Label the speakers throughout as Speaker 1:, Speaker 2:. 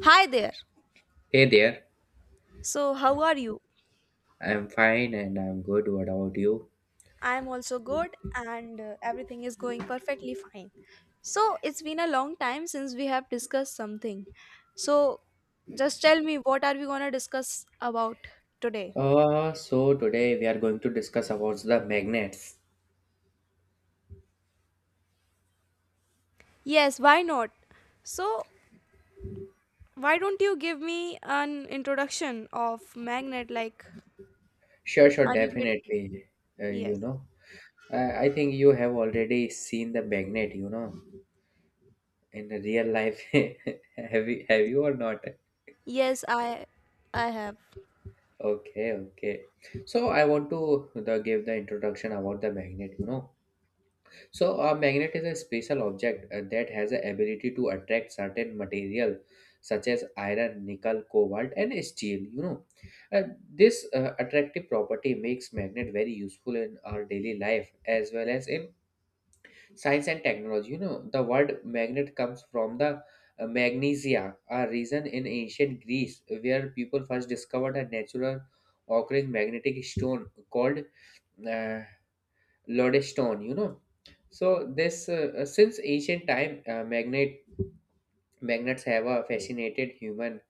Speaker 1: Hi there.
Speaker 2: Hey there,
Speaker 1: So, how are you?
Speaker 2: I'm fine and I'm good. What about you?
Speaker 1: I'm also good and everything is going perfectly fine. So, it's been a long time since we have discussed something. So, just tell me what are we going to discuss about today?
Speaker 2: So today we are going to discuss about the magnets.
Speaker 1: Yes, why not? So, why don't you give me an introduction of magnet like
Speaker 2: Sure, sure,
Speaker 1: are you getting?
Speaker 2: definitely. Uh,
Speaker 1: Yes.
Speaker 2: you know, I think you have already seen the magnet. In the real life, have you or not?
Speaker 1: Yes, I have.
Speaker 2: Okay, okay. So I give the introduction about the magnet. So a magnet is a special object that has the ability to attract certain material such as iron, nickel, cobalt and steel, you know. Uh, this attractive property makes magnet very useful in our daily life as well as in science and technology. You know, the word magnet comes from the magnesia, a region in ancient Greece where people first discovered a natural occurring magnetic stone called uh, lodestone. You know, so this since ancient time, magnets have fascinated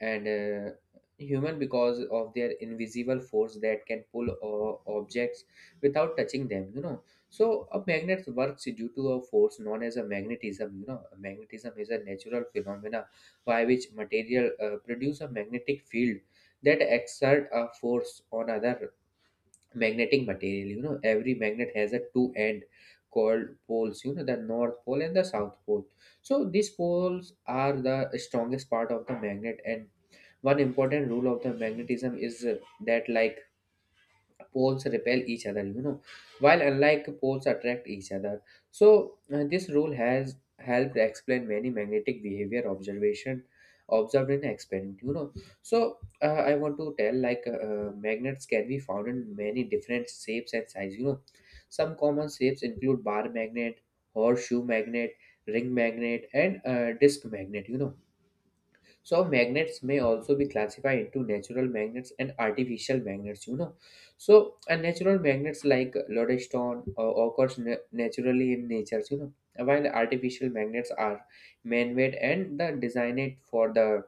Speaker 2: and uh, human because of their invisible force that can pull objects without touching them. You know, so a magnet works due to a force known as a magnetism. You know, magnetism is a natural phenomena by which material produce a magnetic field that exert a force on other magnetic material. You know, every magnet has a two end called poles. You know, the north pole and the south pole. So these poles are the strongest part of the magnet, and one important rule of the magnetism is that like poles repel each other, you know, while unlike poles attract each other. So this rule has helped explain many magnetic behavior observation observed in experiment. You know, so I want to tell, magnets can be found in many different shapes and size. You know, some common shapes include bar magnet, horseshoe magnet, ring magnet, and disk magnet. You know, so magnets may also be classified into natural magnets and artificial magnets, you know. So a natural magnets like lodestone occurs naturally in nature, you know, while artificial magnets are man-made and the designed for the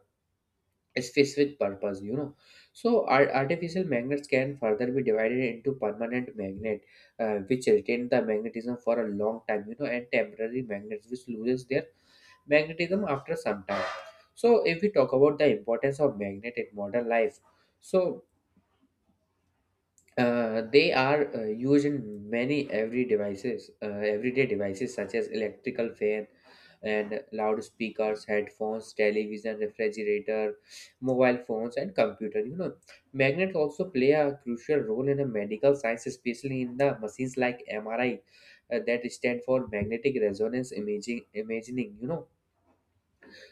Speaker 2: specific purpose, you know. So artificial magnets can further be divided into permanent magnet, which retain the magnetism for a long time, you know, and temporary magnets which loses their magnetism after some time. So, if we talk about the importance of magnet in modern life, so they are used in everyday devices such as electrical fan and loudspeakers, headphones, television, refrigerator, mobile phones, and computer. You know, magnets also play a crucial role in the medical science, especially in the machines like MRI, that stand for magnetic resonance imaging. Imaging, you know,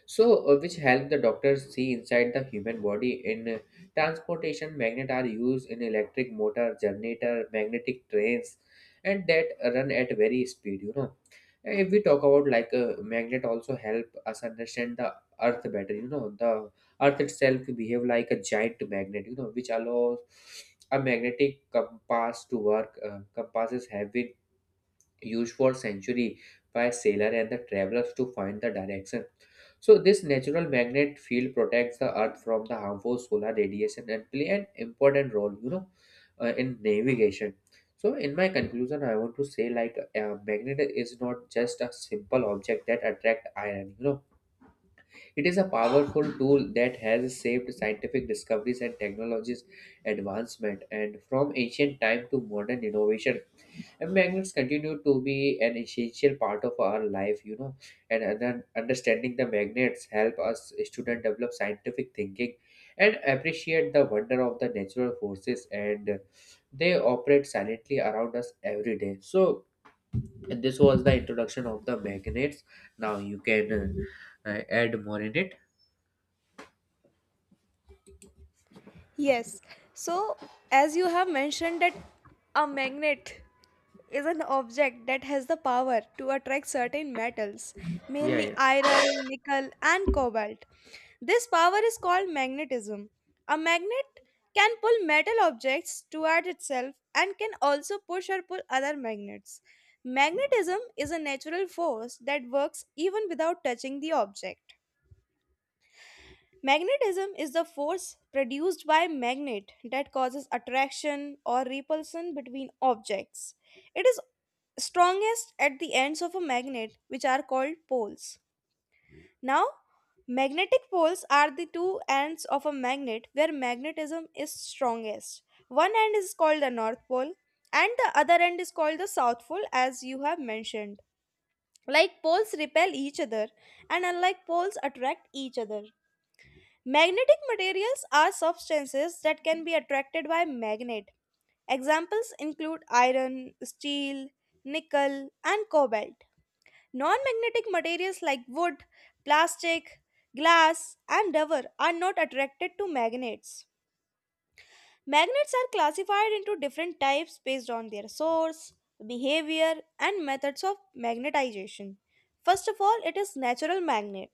Speaker 2: so which help the doctors see inside the human body. In transportation, magnet are used in electric motor, generator, magnetic trains and that run at very speed. You know, if we talk about, like, a magnet also help us understand the earth better. You know, the earth itself behave like a giant magnet, you know, which allows a magnetic compass to work. Compasses have been used for centuries by sailor and the travelers to find the direction. So this natural magnet field protects the earth from the harmful solar radiation and play an important role, you know, in navigation. So in my conclusion, I want to say, like, a magnet is not just a simple object that attract iron, you know. It is a powerful tool that has saved scientific discoveries and technologies advancement, and from ancient time to modern innovation, and magnets continue to be an essential part of our life, you know, and understanding the magnets help us students develop scientific thinking and appreciate the wonder of the natural forces and they operate silently around us every day. So this was the introduction of the magnets. Now you can add more in it.
Speaker 1: Yes. So, as you have mentioned that a magnet is an object that has the power to attract certain metals,
Speaker 2: Yeah,
Speaker 1: mainly
Speaker 2: yeah.
Speaker 1: iron, nickel, and cobalt. This power is called magnetism. A magnet can pull metal objects toward itself and can also push or pull other magnets. Magnetism is a natural force that works even without touching the object. Magnetism is the force produced by magnet that causes attraction or repulsion between objects. It is strongest at the ends of a magnet, which are called poles. Now, magnetic poles are the two ends of a magnet where magnetism is strongest. One end is called the North Pole, and the other end is called the South Pole, as you have mentioned. Like poles repel each other, and unlike poles attract each other. Magnetic materials are substances that can be attracted by magnet. Examples include iron, steel, nickel, and cobalt. Non magnetic materials like wood, plastic, glass, and rubber are not attracted to magnets. Magnets are classified into different types based on their source, behavior, and methods of magnetization. First of all, it is natural magnet.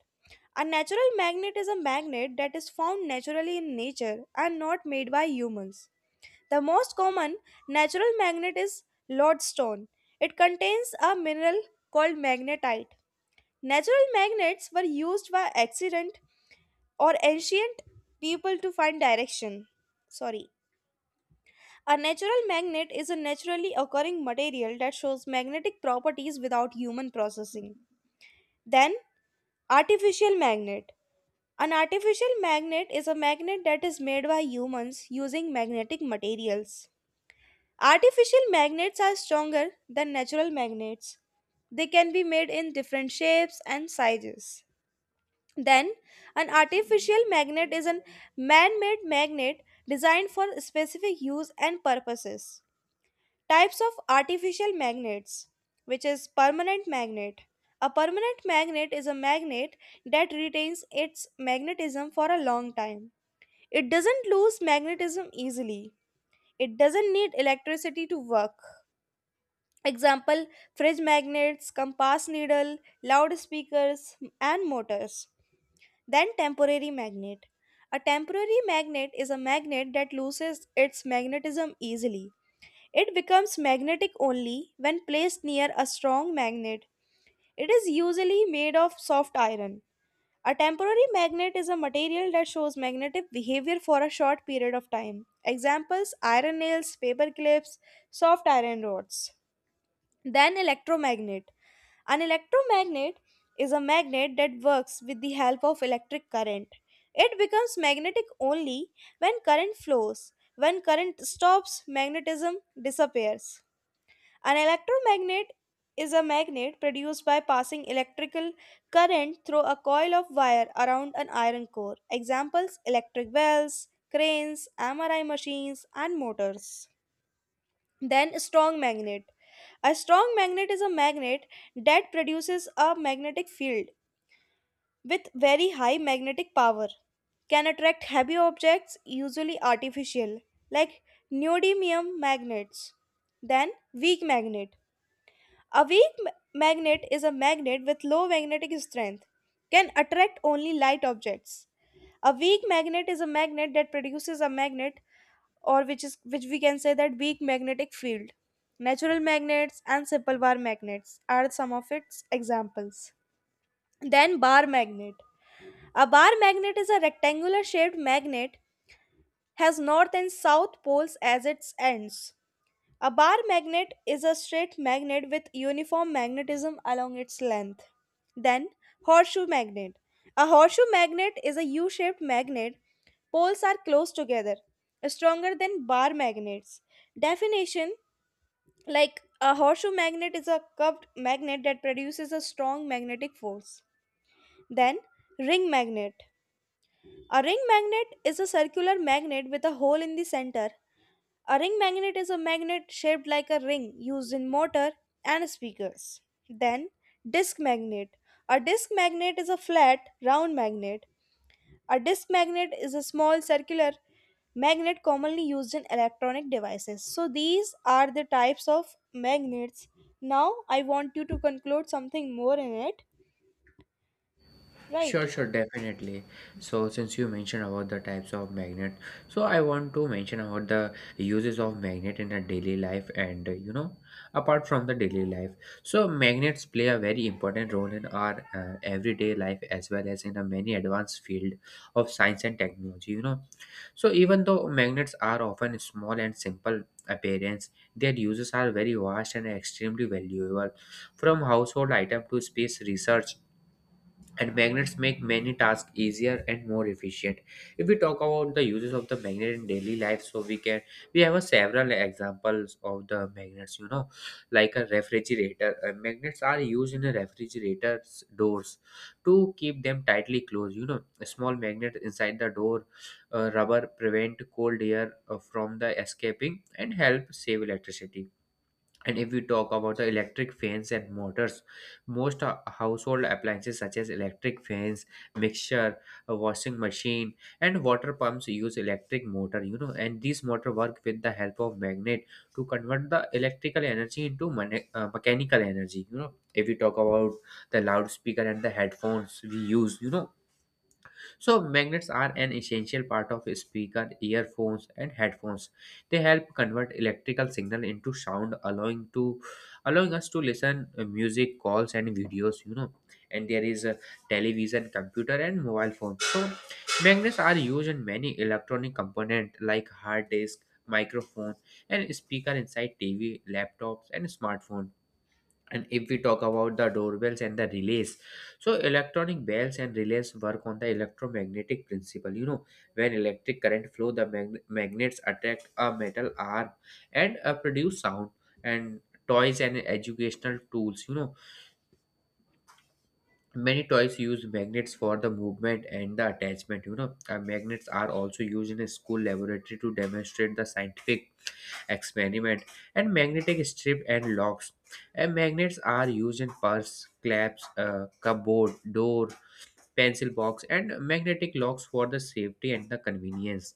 Speaker 1: A natural magnet is a magnet that is found naturally in nature and not made by humans. The most common natural magnet is lodestone. It contains a mineral called magnetite. Natural magnets were used by accident or ancient people to find direction. Sorry, a natural magnet is a naturally occurring material that shows magnetic properties without human processing. Then, artificial magnet. An artificial magnet is a magnet that is made by humans using magnetic materials. Artificial magnets are stronger than natural magnets. They can be made in different shapes and sizes. Then, an artificial magnet is a man made magnet designed for specific use and purposes. Types of artificial magnets, which is permanent magnet. A permanent magnet is a magnet that retains its magnetism for a long time. It doesn't lose magnetism easily. It doesn't need electricity to work. Example fridge magnets, compass needle, loudspeakers, and motors. Then temporary magnet. A temporary magnet is a magnet that loses its magnetism easily. It becomes magnetic only when placed near a strong magnet. It is usually made of soft iron. A temporary magnet is a material that shows magnetic behavior for a short period of time. Examples iron nails, paper clips, soft iron rods. Then, electromagnet. An electromagnet is a magnet that works with the help of electric current. It becomes magnetic only when current flows. When current stops, magnetism disappears. An electromagnet is a magnet produced by passing electrical current through a coil of wire around an iron core. Examples electric bells, cranes, MRI machines, and motors. Then, strong magnet. A strong magnet is a magnet that produces a magnetic field with very high magnetic power. Can attract heavy objects, usually artificial, like neodymium magnets. Then, weak magnet. A weak magnet is a magnet with low magnetic strength, can attract only light objects. A weak magnet is a magnet that produces a magnet or which is which we can say that weak magnetic field. Natural magnets and simple bar magnets are some of its examples. Then bar magnet. A bar magnet is a rectangular shaped magnet has north and south poles as its ends. A bar magnet is a straight magnet with uniform magnetism along its length. Then, horseshoe magnet. A horseshoe magnet is a U shaped magnet. Poles are close together, stronger than bar magnets. Definition like a horseshoe magnet is a curved magnet that produces a strong magnetic force. Then, ring magnet. A ring magnet is a circular magnet with a hole in the center a ring magnet is a magnet shaped like a ring used in motor and speakers. Then, disc magnet. A disc magnet is a flat, round magnet. A disc magnet is a small circular magnet commonly used in electronic devices. So, these are the types of magnets. Now, I want you to conclude something more in it, right?
Speaker 2: Sure, sure, definitely. So, since you mentioned about the types of magnet, so I want to mention about the uses of magnet in a daily life and, apart from the daily life. So, magnets play a very important role in our everyday life as well as in a many advanced field of science and technology, you know. So, even though magnets are often small and simple appearance, their uses are very vast and extremely valuable from household item to space research, and magnets make many tasks easier and more efficient. If we talk about the uses of the magnet in daily life, so we have a several examples of the magnets. You know, like a refrigerator. Magnets are used in a refrigerator's doors to keep them tightly closed. You know, a small magnet inside the door rubber prevent cold air from the escaping and help save electricity. And if we talk about the electric fans and motors, most household appliances such as electric fans, mixer, a washing machine, and water pumps use electric motor. You know, and these motor work with the help of magnet to convert the electrical energy into mechanical energy. You know, if we talk about the loudspeaker and the headphones we use, you know, so, magnets are an essential part of speaker, earphones, and headphones. They help convert electrical signal into sound, allowing us to listen music, calls, and videos. You know, and there is a television, computer, and mobile phone. So, magnets are used in many electronic component like hard disk, microphone, and speaker inside TV, laptops, and smartphone. And if we talk about the doorbells and the relays, so electronic bells and relays work on the electromagnetic principle. You know, when electric current flow, the magnets attract a metal arm and produce sound. And toys and educational tools, you know, many toys use magnets for the movement and the attachment. You know, magnets are also used in a school laboratory to demonstrate the scientific experiment. And magnetic strip and locks, and magnets are used in purse claps, cupboard door, pencil box, and magnetic locks for the safety and the convenience.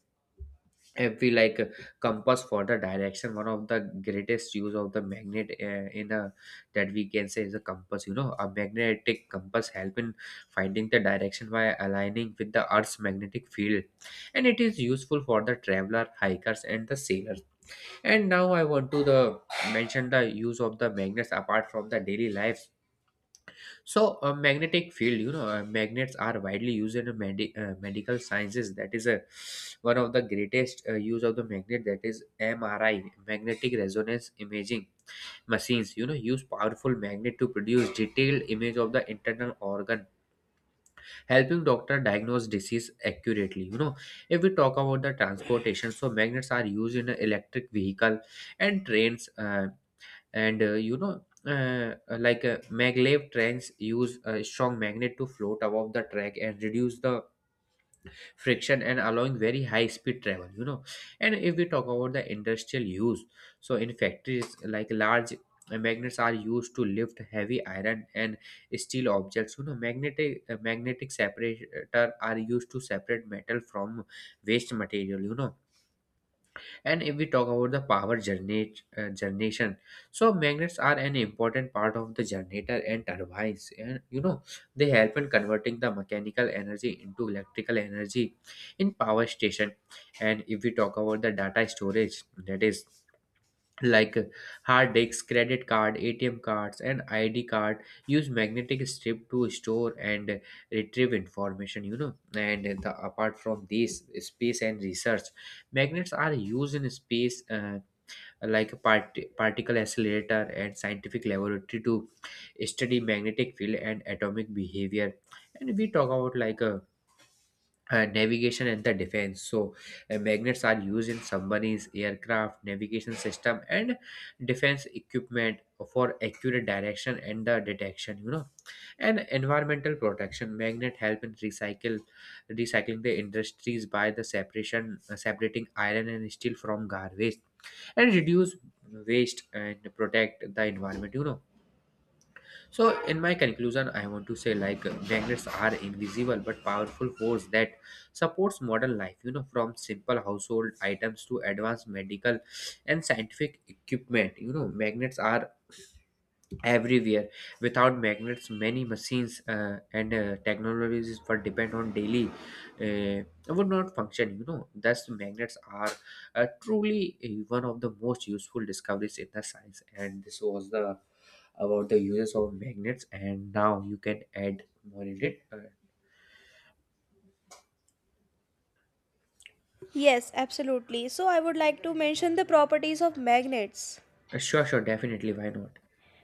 Speaker 2: If we like, compass for the direction, one of the greatest use of the magnet, in a that we can say, is a compass. You know, a magnetic compass help in finding the direction by aligning with the earth's magnetic field, and it is useful for the traveler, hikers, and the sailors. And now I want to the mention the use of the magnets apart from the daily lives. So a magnetic field, you know, magnets are widely used in a medical sciences. That is a one of the greatest use of the magnet. That is MRI, magnetic resonance imaging machines. You know, use powerful magnet to produce detailed image of the internal organ, helping doctor diagnose disease accurately. You know, if we talk about the transportation, so magnets are used in a electric vehicle and trains. And You know, like, maglev trains use a strong magnet to float above the track and reduce the friction and allowing very high speed travel. You know, and if we talk about the industrial use, so in factories, like, large magnets are used to lift heavy iron and steel objects. You know, magnetic separator are used to separate metal from waste material. You know, and if we talk about the power generation, so magnets are an important part of the generator and turbines, and, you know, they help in converting the mechanical energy into electrical energy in power station. And if we talk about the data storage, that is, like, hard disks, credit card, ATM cards, and ID card use magnetic strip to store and retrieve information. You know, and apart from these space and research, magnets are used in space, like, particle accelerator and scientific laboratory to study magnetic field and atomic behavior. And we talk about, like, a navigation and the defense, so magnets are used in submarines, aircraft navigation system, and defense equipment for accurate direction and the detection. You know, and environmental protection, magnet help in recycle recycling the industries by the separation separating iron and steel from garbage and reduce waste and protect the environment. You know, so, in my conclusion, I want to say, like, magnets are invisible but powerful force that supports modern life. You know, from simple household items to advanced medical and scientific equipment. You know, magnets are everywhere. Without magnets, many machines and technologies for depend on daily uh, would not function. You know, thus magnets are truly one of the most useful discoveries in the science. And this was the about the uses of magnets, and now you can add more in it.
Speaker 1: Yes, absolutely. So, I would like to mention the properties of magnets.
Speaker 2: Sure, sure, definitely. Why not?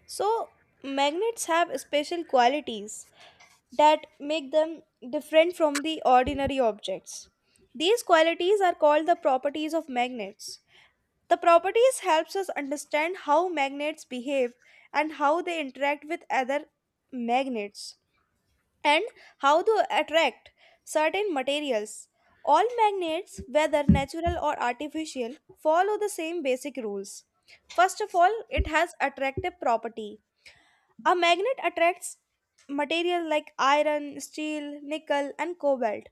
Speaker 1: So, magnets have special qualities that make them different from the ordinary objects. These qualities are called the properties of magnets. The properties helps us understand how magnets behave and how they interact with other magnets and how to attract certain materials. All magnets, whether natural or artificial, follow the same basic rules. First of all, it has attractive property a magnet attracts material like iron, steel, nickel, and cobalt.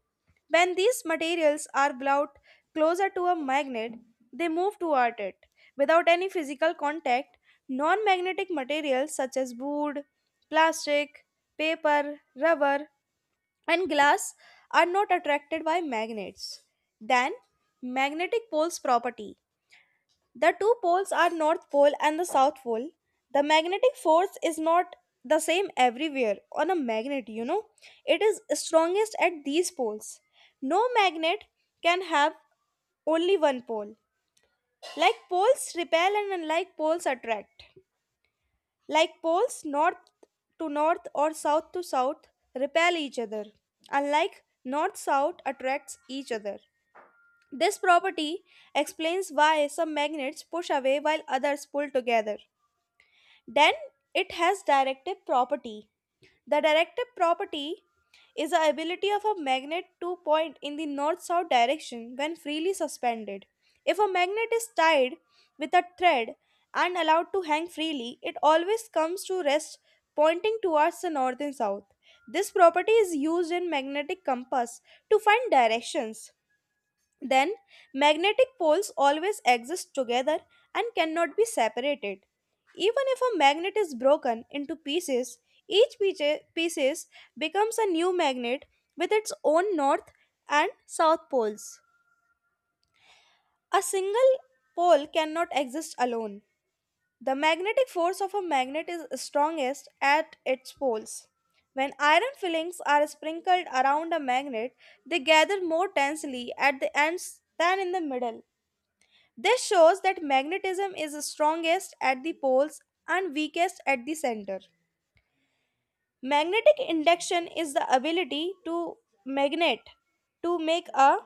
Speaker 1: When these materials are brought closer to a magnet, they move toward it. Without any physical contact, non magnetic materials such as wood, plastic, paper, rubber, and glass are not attracted by magnets. Then, magnetic poles property. The two poles are North Pole and the South Pole. The magnetic force is not the same everywhere on a magnet, you know. It is strongest at these poles. No magnet can have only one pole. Like poles repel and unlike poles attract. Like poles north to north or south to south repel each other. Unlike north south attracts each other. This property explains why some magnets push away while others pull together. Then it has directive property. The directive property is the ability of a magnet to point in the north south direction when freely suspended. If a magnet is tied with a thread and allowed to hang freely, it always comes to rest pointing towards the north and south. This property is used in magnetic compass to find directions. Then, magnetic poles always exist together and cannot be separated. Even if a magnet is broken into pieces, each pieces becomes a new magnet with its own north and south poles. A single pole cannot exist alone. The magnetic force of a magnet is strongest at its poles. When iron fillings are sprinkled around a magnet, they gather more tensely at the ends than in the middle. This shows that magnetism is strongest at the poles and weakest at the center. Magnetic induction is the ability to magnet to make a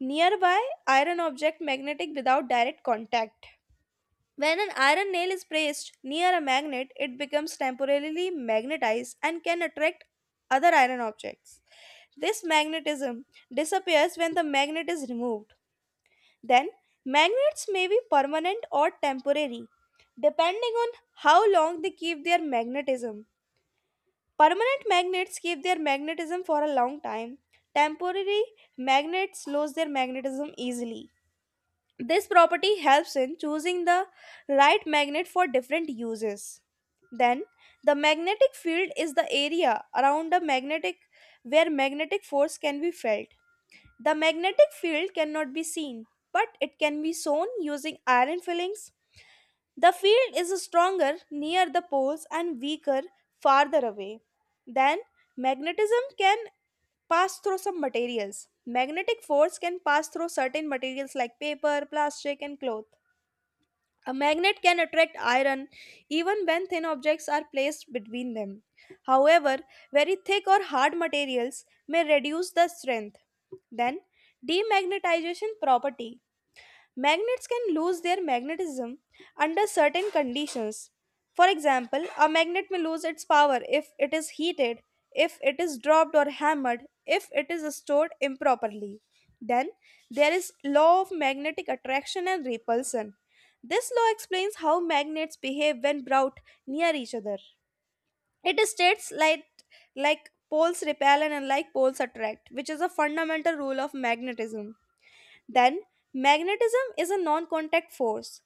Speaker 1: nearby iron object magnetic without direct contact. When an iron nail is placed near a magnet, it becomes temporarily magnetized and can attract other iron objects. This magnetism disappears when the magnet is removed. Then, magnets may be permanent or temporary, depending on how long they keep their magnetism. Permanent magnets keep their magnetism for a long time. Temporary magnets lose their magnetism easily. This property helps in choosing the right magnet for different uses. Then, the magnetic field is the area around a magnetic where magnetic force can be felt. The magnetic field cannot be seen, but it can be shown using iron fillings. The field is stronger near the poles and weaker farther away. Then, magnetism can pass through some materials. Magnetic force can pass through certain materials like paper, plastic, and cloth. A magnet can attract iron even when thin objects are placed between them. However, very thick or hard materials may reduce the strength. Then, demagnetization property. Magnets can lose their magnetism under certain conditions. For example, a magnet may lose its power if it is heated, if it is dropped or hammered, if it is stored improperly. Then there is law of magnetic attraction and repulsion. This law explains how magnets behave when brought near each other. It states like poles repel and unlike poles attract, which is a fundamental rule of magnetism. Then, magnetism is a non contact force.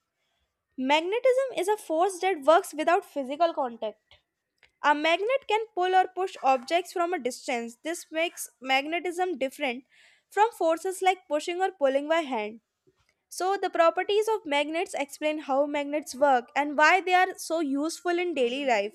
Speaker 1: Magnetism is a force that works without physical contact. A magnet can pull or push objects from a distance. This makes magnetism different from forces like pushing or pulling by hand. So, the properties of magnets explain how magnets work and why they are so useful in daily life.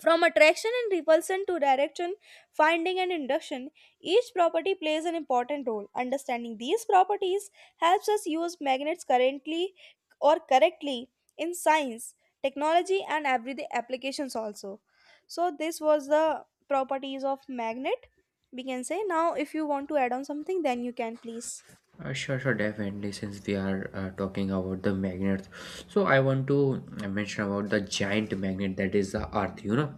Speaker 1: From attraction and repulsion to direction, finding and induction, each property plays an important role. Understanding these properties helps us use magnets currently or correctly in science, technology, and everyday applications also. So, this was the properties of magnet. We can say now, if you want to add on something, then you can please.
Speaker 2: Sure, sure, definitely. Since we are talking about the magnets, so I want to mention about the giant magnet that is the Earth.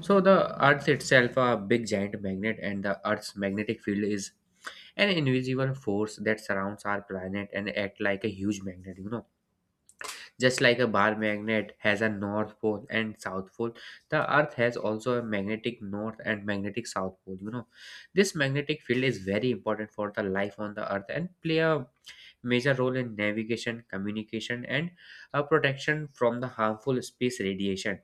Speaker 2: So the Earth itself a big giant magnet, and the Earth's magnetic field is an invisible force that surrounds our planet and act like a huge magnet. Just like a bar magnet has a north pole and south pole, the earth has also a magnetic north and magnetic south pole. This magnetic field is very important for the life on the earth and play a major role in navigation, communication and protection from the harmful space radiation.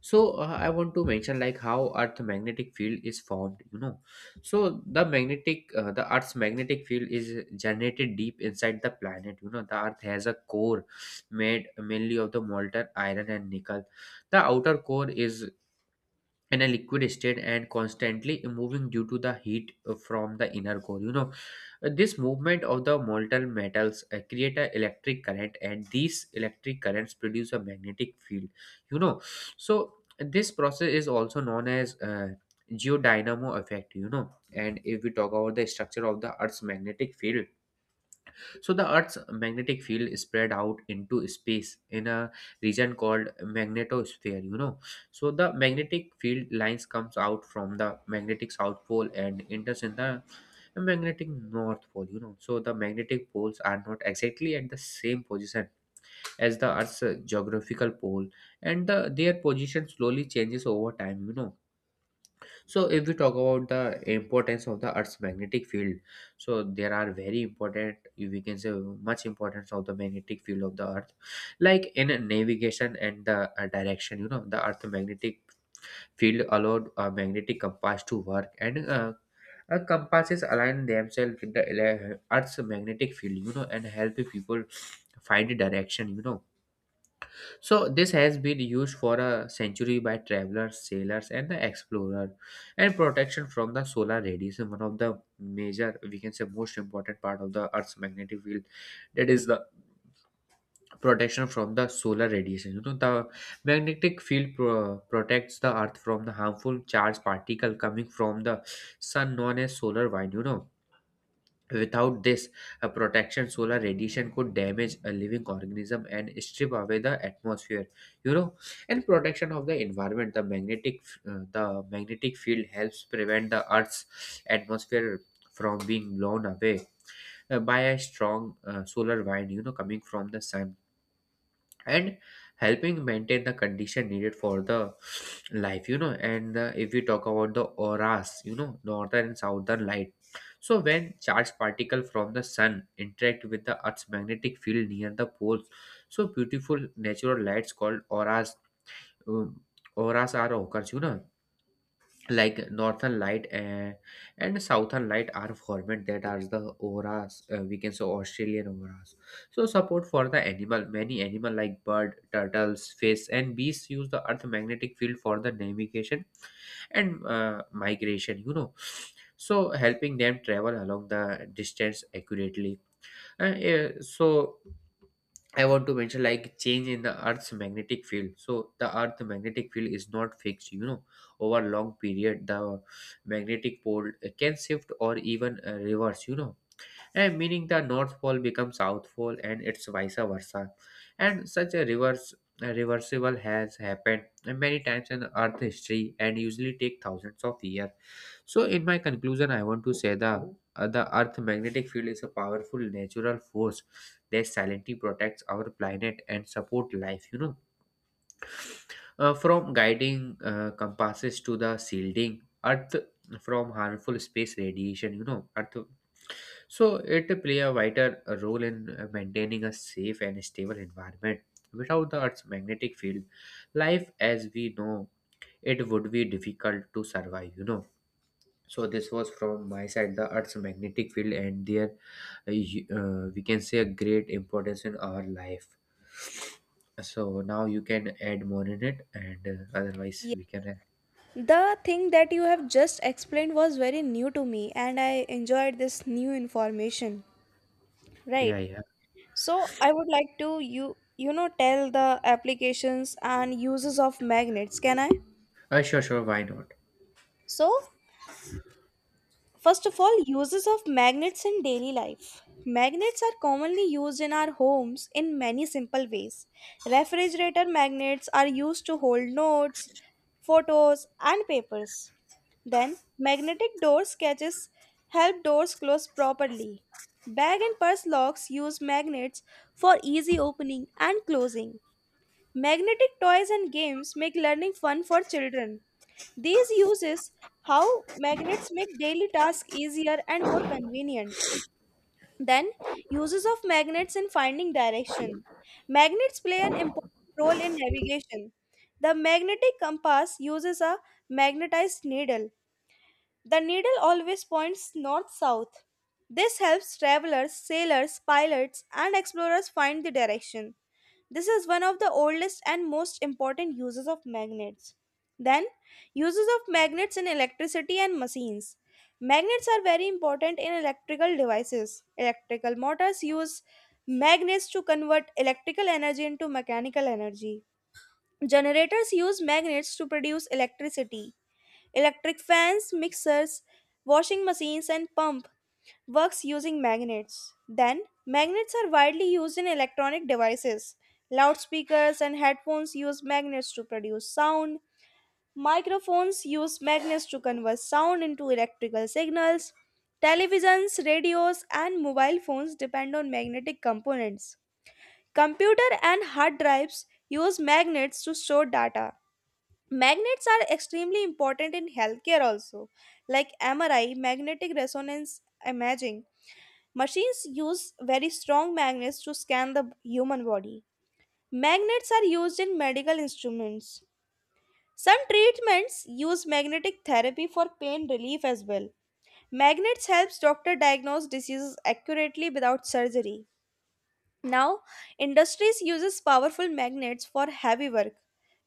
Speaker 2: So I want to mention like how earth magnetic field is formed. So the earth's magnetic field is generated deep inside the planet. The earth has a core made mainly of the molten iron and nickel. The outer core is in a liquid state and constantly moving due to the heat from the inner core. This movement of the molten metals create an electric current and these electric currents produce a magnetic field you know so this process is also known as geodynamo effect. And if we talk about the structure of the earth's magnetic field, so the Earth's magnetic field spread out into space in a region called magnetosphere. You know. So the magnetic field lines comes out from the magnetic south pole and enters in the magnetic north pole. You know. So the magnetic poles are not exactly at the same position as the Earth's geographical pole and their position slowly changes over time. You know so if we talk about the importance of the Earth's magnetic field, so there are very important, we can say much importance of the magnetic field of the Earth, like in navigation and the direction. You know, the Earth magnetic field allowed a magnetic compass to work, and compasses align themselves with the Earth's magnetic field, You know, and help people find direction. You know so this has been used for a century by travelers, sailors, and the explorer, and protection from the solar radiation. One of the major, we can say, most important part of the Earth's magnetic field, that is the protection from the solar radiation. You know, the magnetic field protects the Earth from the harmful charged particle coming from the sun, known as solar wind. You know Without this protection, solar radiation could damage a living organism and strip away the atmosphere, You know, and protection of the environment. The the magnetic field helps prevent the Earth's atmosphere from being blown away by a strong solar wind, You know, coming from the sun and helping maintain the condition needed for the life. You know and if we talk about the auras, you know northern and southern light, so when charged particle from the sun interact with the earth's magnetic field near the poles, so beautiful natural lights called auras, um, auras are occurs, you know like northern light and southern light are formed, that are the auras, we can say australian auras. So support for the animal, many animal like bird turtles fish and bees use the earth magnetic field for the navigation and migration, you know so helping them travel along the distance accurately. Yeah, so I want to mention like change in the Earth's magnetic field. So the Earth magnetic field is not fixed. You know, over long period the magnetic pole can shift or even reverse, You know, and meaning the north pole becomes south pole and it's vice versa, and such a reverse, a reversible has happened many times in earth history and usually take thousands of years. So in my conclusion I want to say the earth magnetic field is a powerful natural force that silently protects our planet and support life. You know From guiding compasses to the shielding earth from harmful space radiation, you know earth, so it play a vital role in maintaining a safe and stable environment. Without the Earth's magnetic field, life as we know it would be difficult to survive. You know. So this was from my side the Earth's magnetic field and their we can say a great importance in our life. So now you can add more in it, and otherwise
Speaker 1: Yeah.
Speaker 2: we can.
Speaker 1: The thing that you have just explained was very new to me, and I enjoyed this new information.
Speaker 2: Yeah,
Speaker 1: Right.
Speaker 2: yeah.
Speaker 1: So I would like to tell the applications and uses of magnets, can I?
Speaker 2: Sure, sure. Why not?
Speaker 1: So first of all, uses of magnets in daily life. Magnets are commonly used in our homes in many simple ways. Refrigerator magnets are used to hold notes, photos and papers. Then magnetic door catches help doors close properly. Bag and purse locks use magnets for easy opening and closing. Magnetic toys and games make learning fun for children. These uses how magnets make daily tasks easier and more convenient. Then, uses of magnets in finding direction. Magnets play an important role in navigation. The magnetic compass uses a magnetized needle. The needle always points north south. This helps travelers, sailors, pilots, and explorers find the direction. This is one of the oldest and most important uses of magnets. Then, uses of magnets in electricity and machines. Magnets are very important in electrical devices. Electrical motors use magnets to convert electrical energy into mechanical energy. Generators use magnets to produce electricity. Electric fans, mixers, washing machines, and pump works using magnets. Then, magnets are widely used in electronic devices. Loudspeakers and headphones use magnets to produce sound. Microphones use magnets to convert sound into electrical signals. Televisions, radios, and mobile phones depend on magnetic components. Computer and hard drives use magnets to store data. Magnets are extremely important in healthcare also, like MRI, magnetic resonance imaging machines use very strong magnets to scan the human body. Magnets are used in medical instruments. Some treatments use magnetic therapy for pain relief as well. Magnets helps doctor diagnose diseases accurately without surgery. Now, industries uses powerful magnets for heavy work.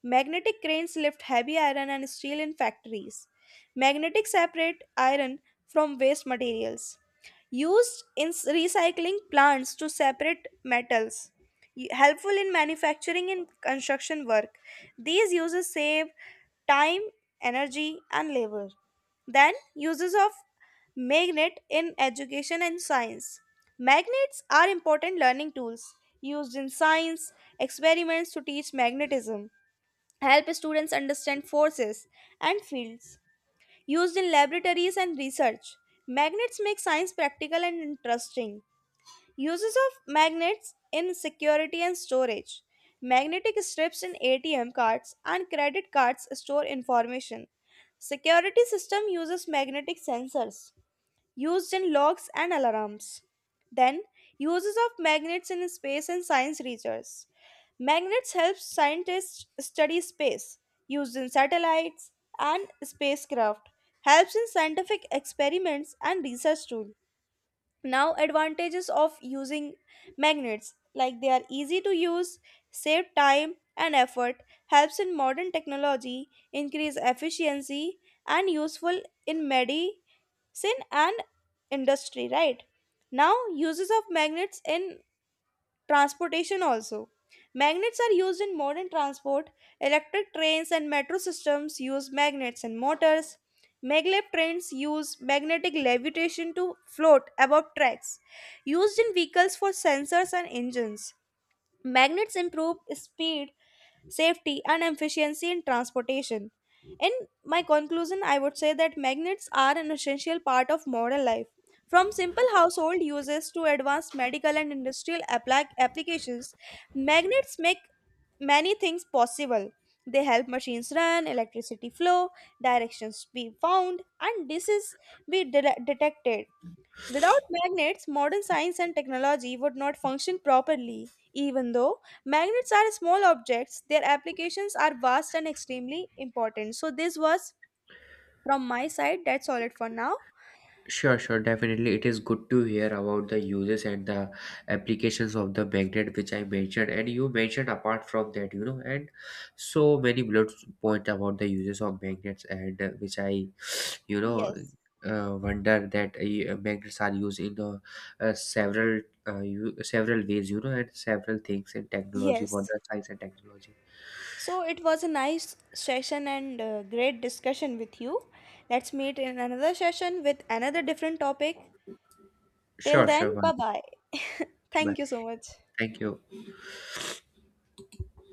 Speaker 1: Magnetic cranes lift heavy iron and steel in factories. Magnetic separate iron from waste materials. Recycling plants to separate metals. Helpful in manufacturing and construction work. These uses save time, energy, and labor. Then, uses of magnet in education and science. Magnets are important learning tools used in science experiments to teach magnetism, help students understand forces and fields. Used in laboratories and research, magnets make science practical and interesting. Uses of magnets in security and storage. Magnetic strips in ATM cards and credit cards store information. Security system uses magnetic sensors used in locks and alarms. Then, uses of magnets in space and science research. Magnets help scientists study space, used in satellites and spacecraft, helps in scientific experiments and research tool. Now, advantages of using magnets like they are easy to use, save time and effort, helps in modern technology, increase efficiency, and useful in medicine and industry, right? Now, uses of magnets in transportation also. Magnets are used in modern transport. Electric trains and metro systems use magnets and motors. Maglev trains use magnetic levitation to float above tracks. Used in vehicles for sensors and engines. Magnets improve speed, safety, and efficiency in transportation. In my conclusion, I would say that magnets are an essential part of modern life. From simple household uses to advanced medical and industrial applications, magnets make many things possible. They help machines run, electricity flow, directions be found, and diseases be detected. Without magnets, modern science and technology would not function properly. Even though magnets are small objects, their applications are vast and extremely important. So, this was from my side. That's all it for now.
Speaker 2: Sure, sure, definitely. It is good to hear about the uses and the applications of the magnet which I mentioned, and you mentioned apart from that, you know, and so many blood point about the uses of magnets, and which I, you know,
Speaker 1: Yes.
Speaker 2: wonder that magnets are used in several several ways, you know, and several things in technology for
Speaker 1: Yes.
Speaker 2: the science and technology.
Speaker 1: So, it was a nice session and great discussion with you. Let's meet in another session with another different topic. Till
Speaker 2: Sure,
Speaker 1: then,
Speaker 2: sure, why
Speaker 1: bye
Speaker 2: not?
Speaker 1: bye.
Speaker 2: Bye.
Speaker 1: Thank you so much.
Speaker 2: Thank you.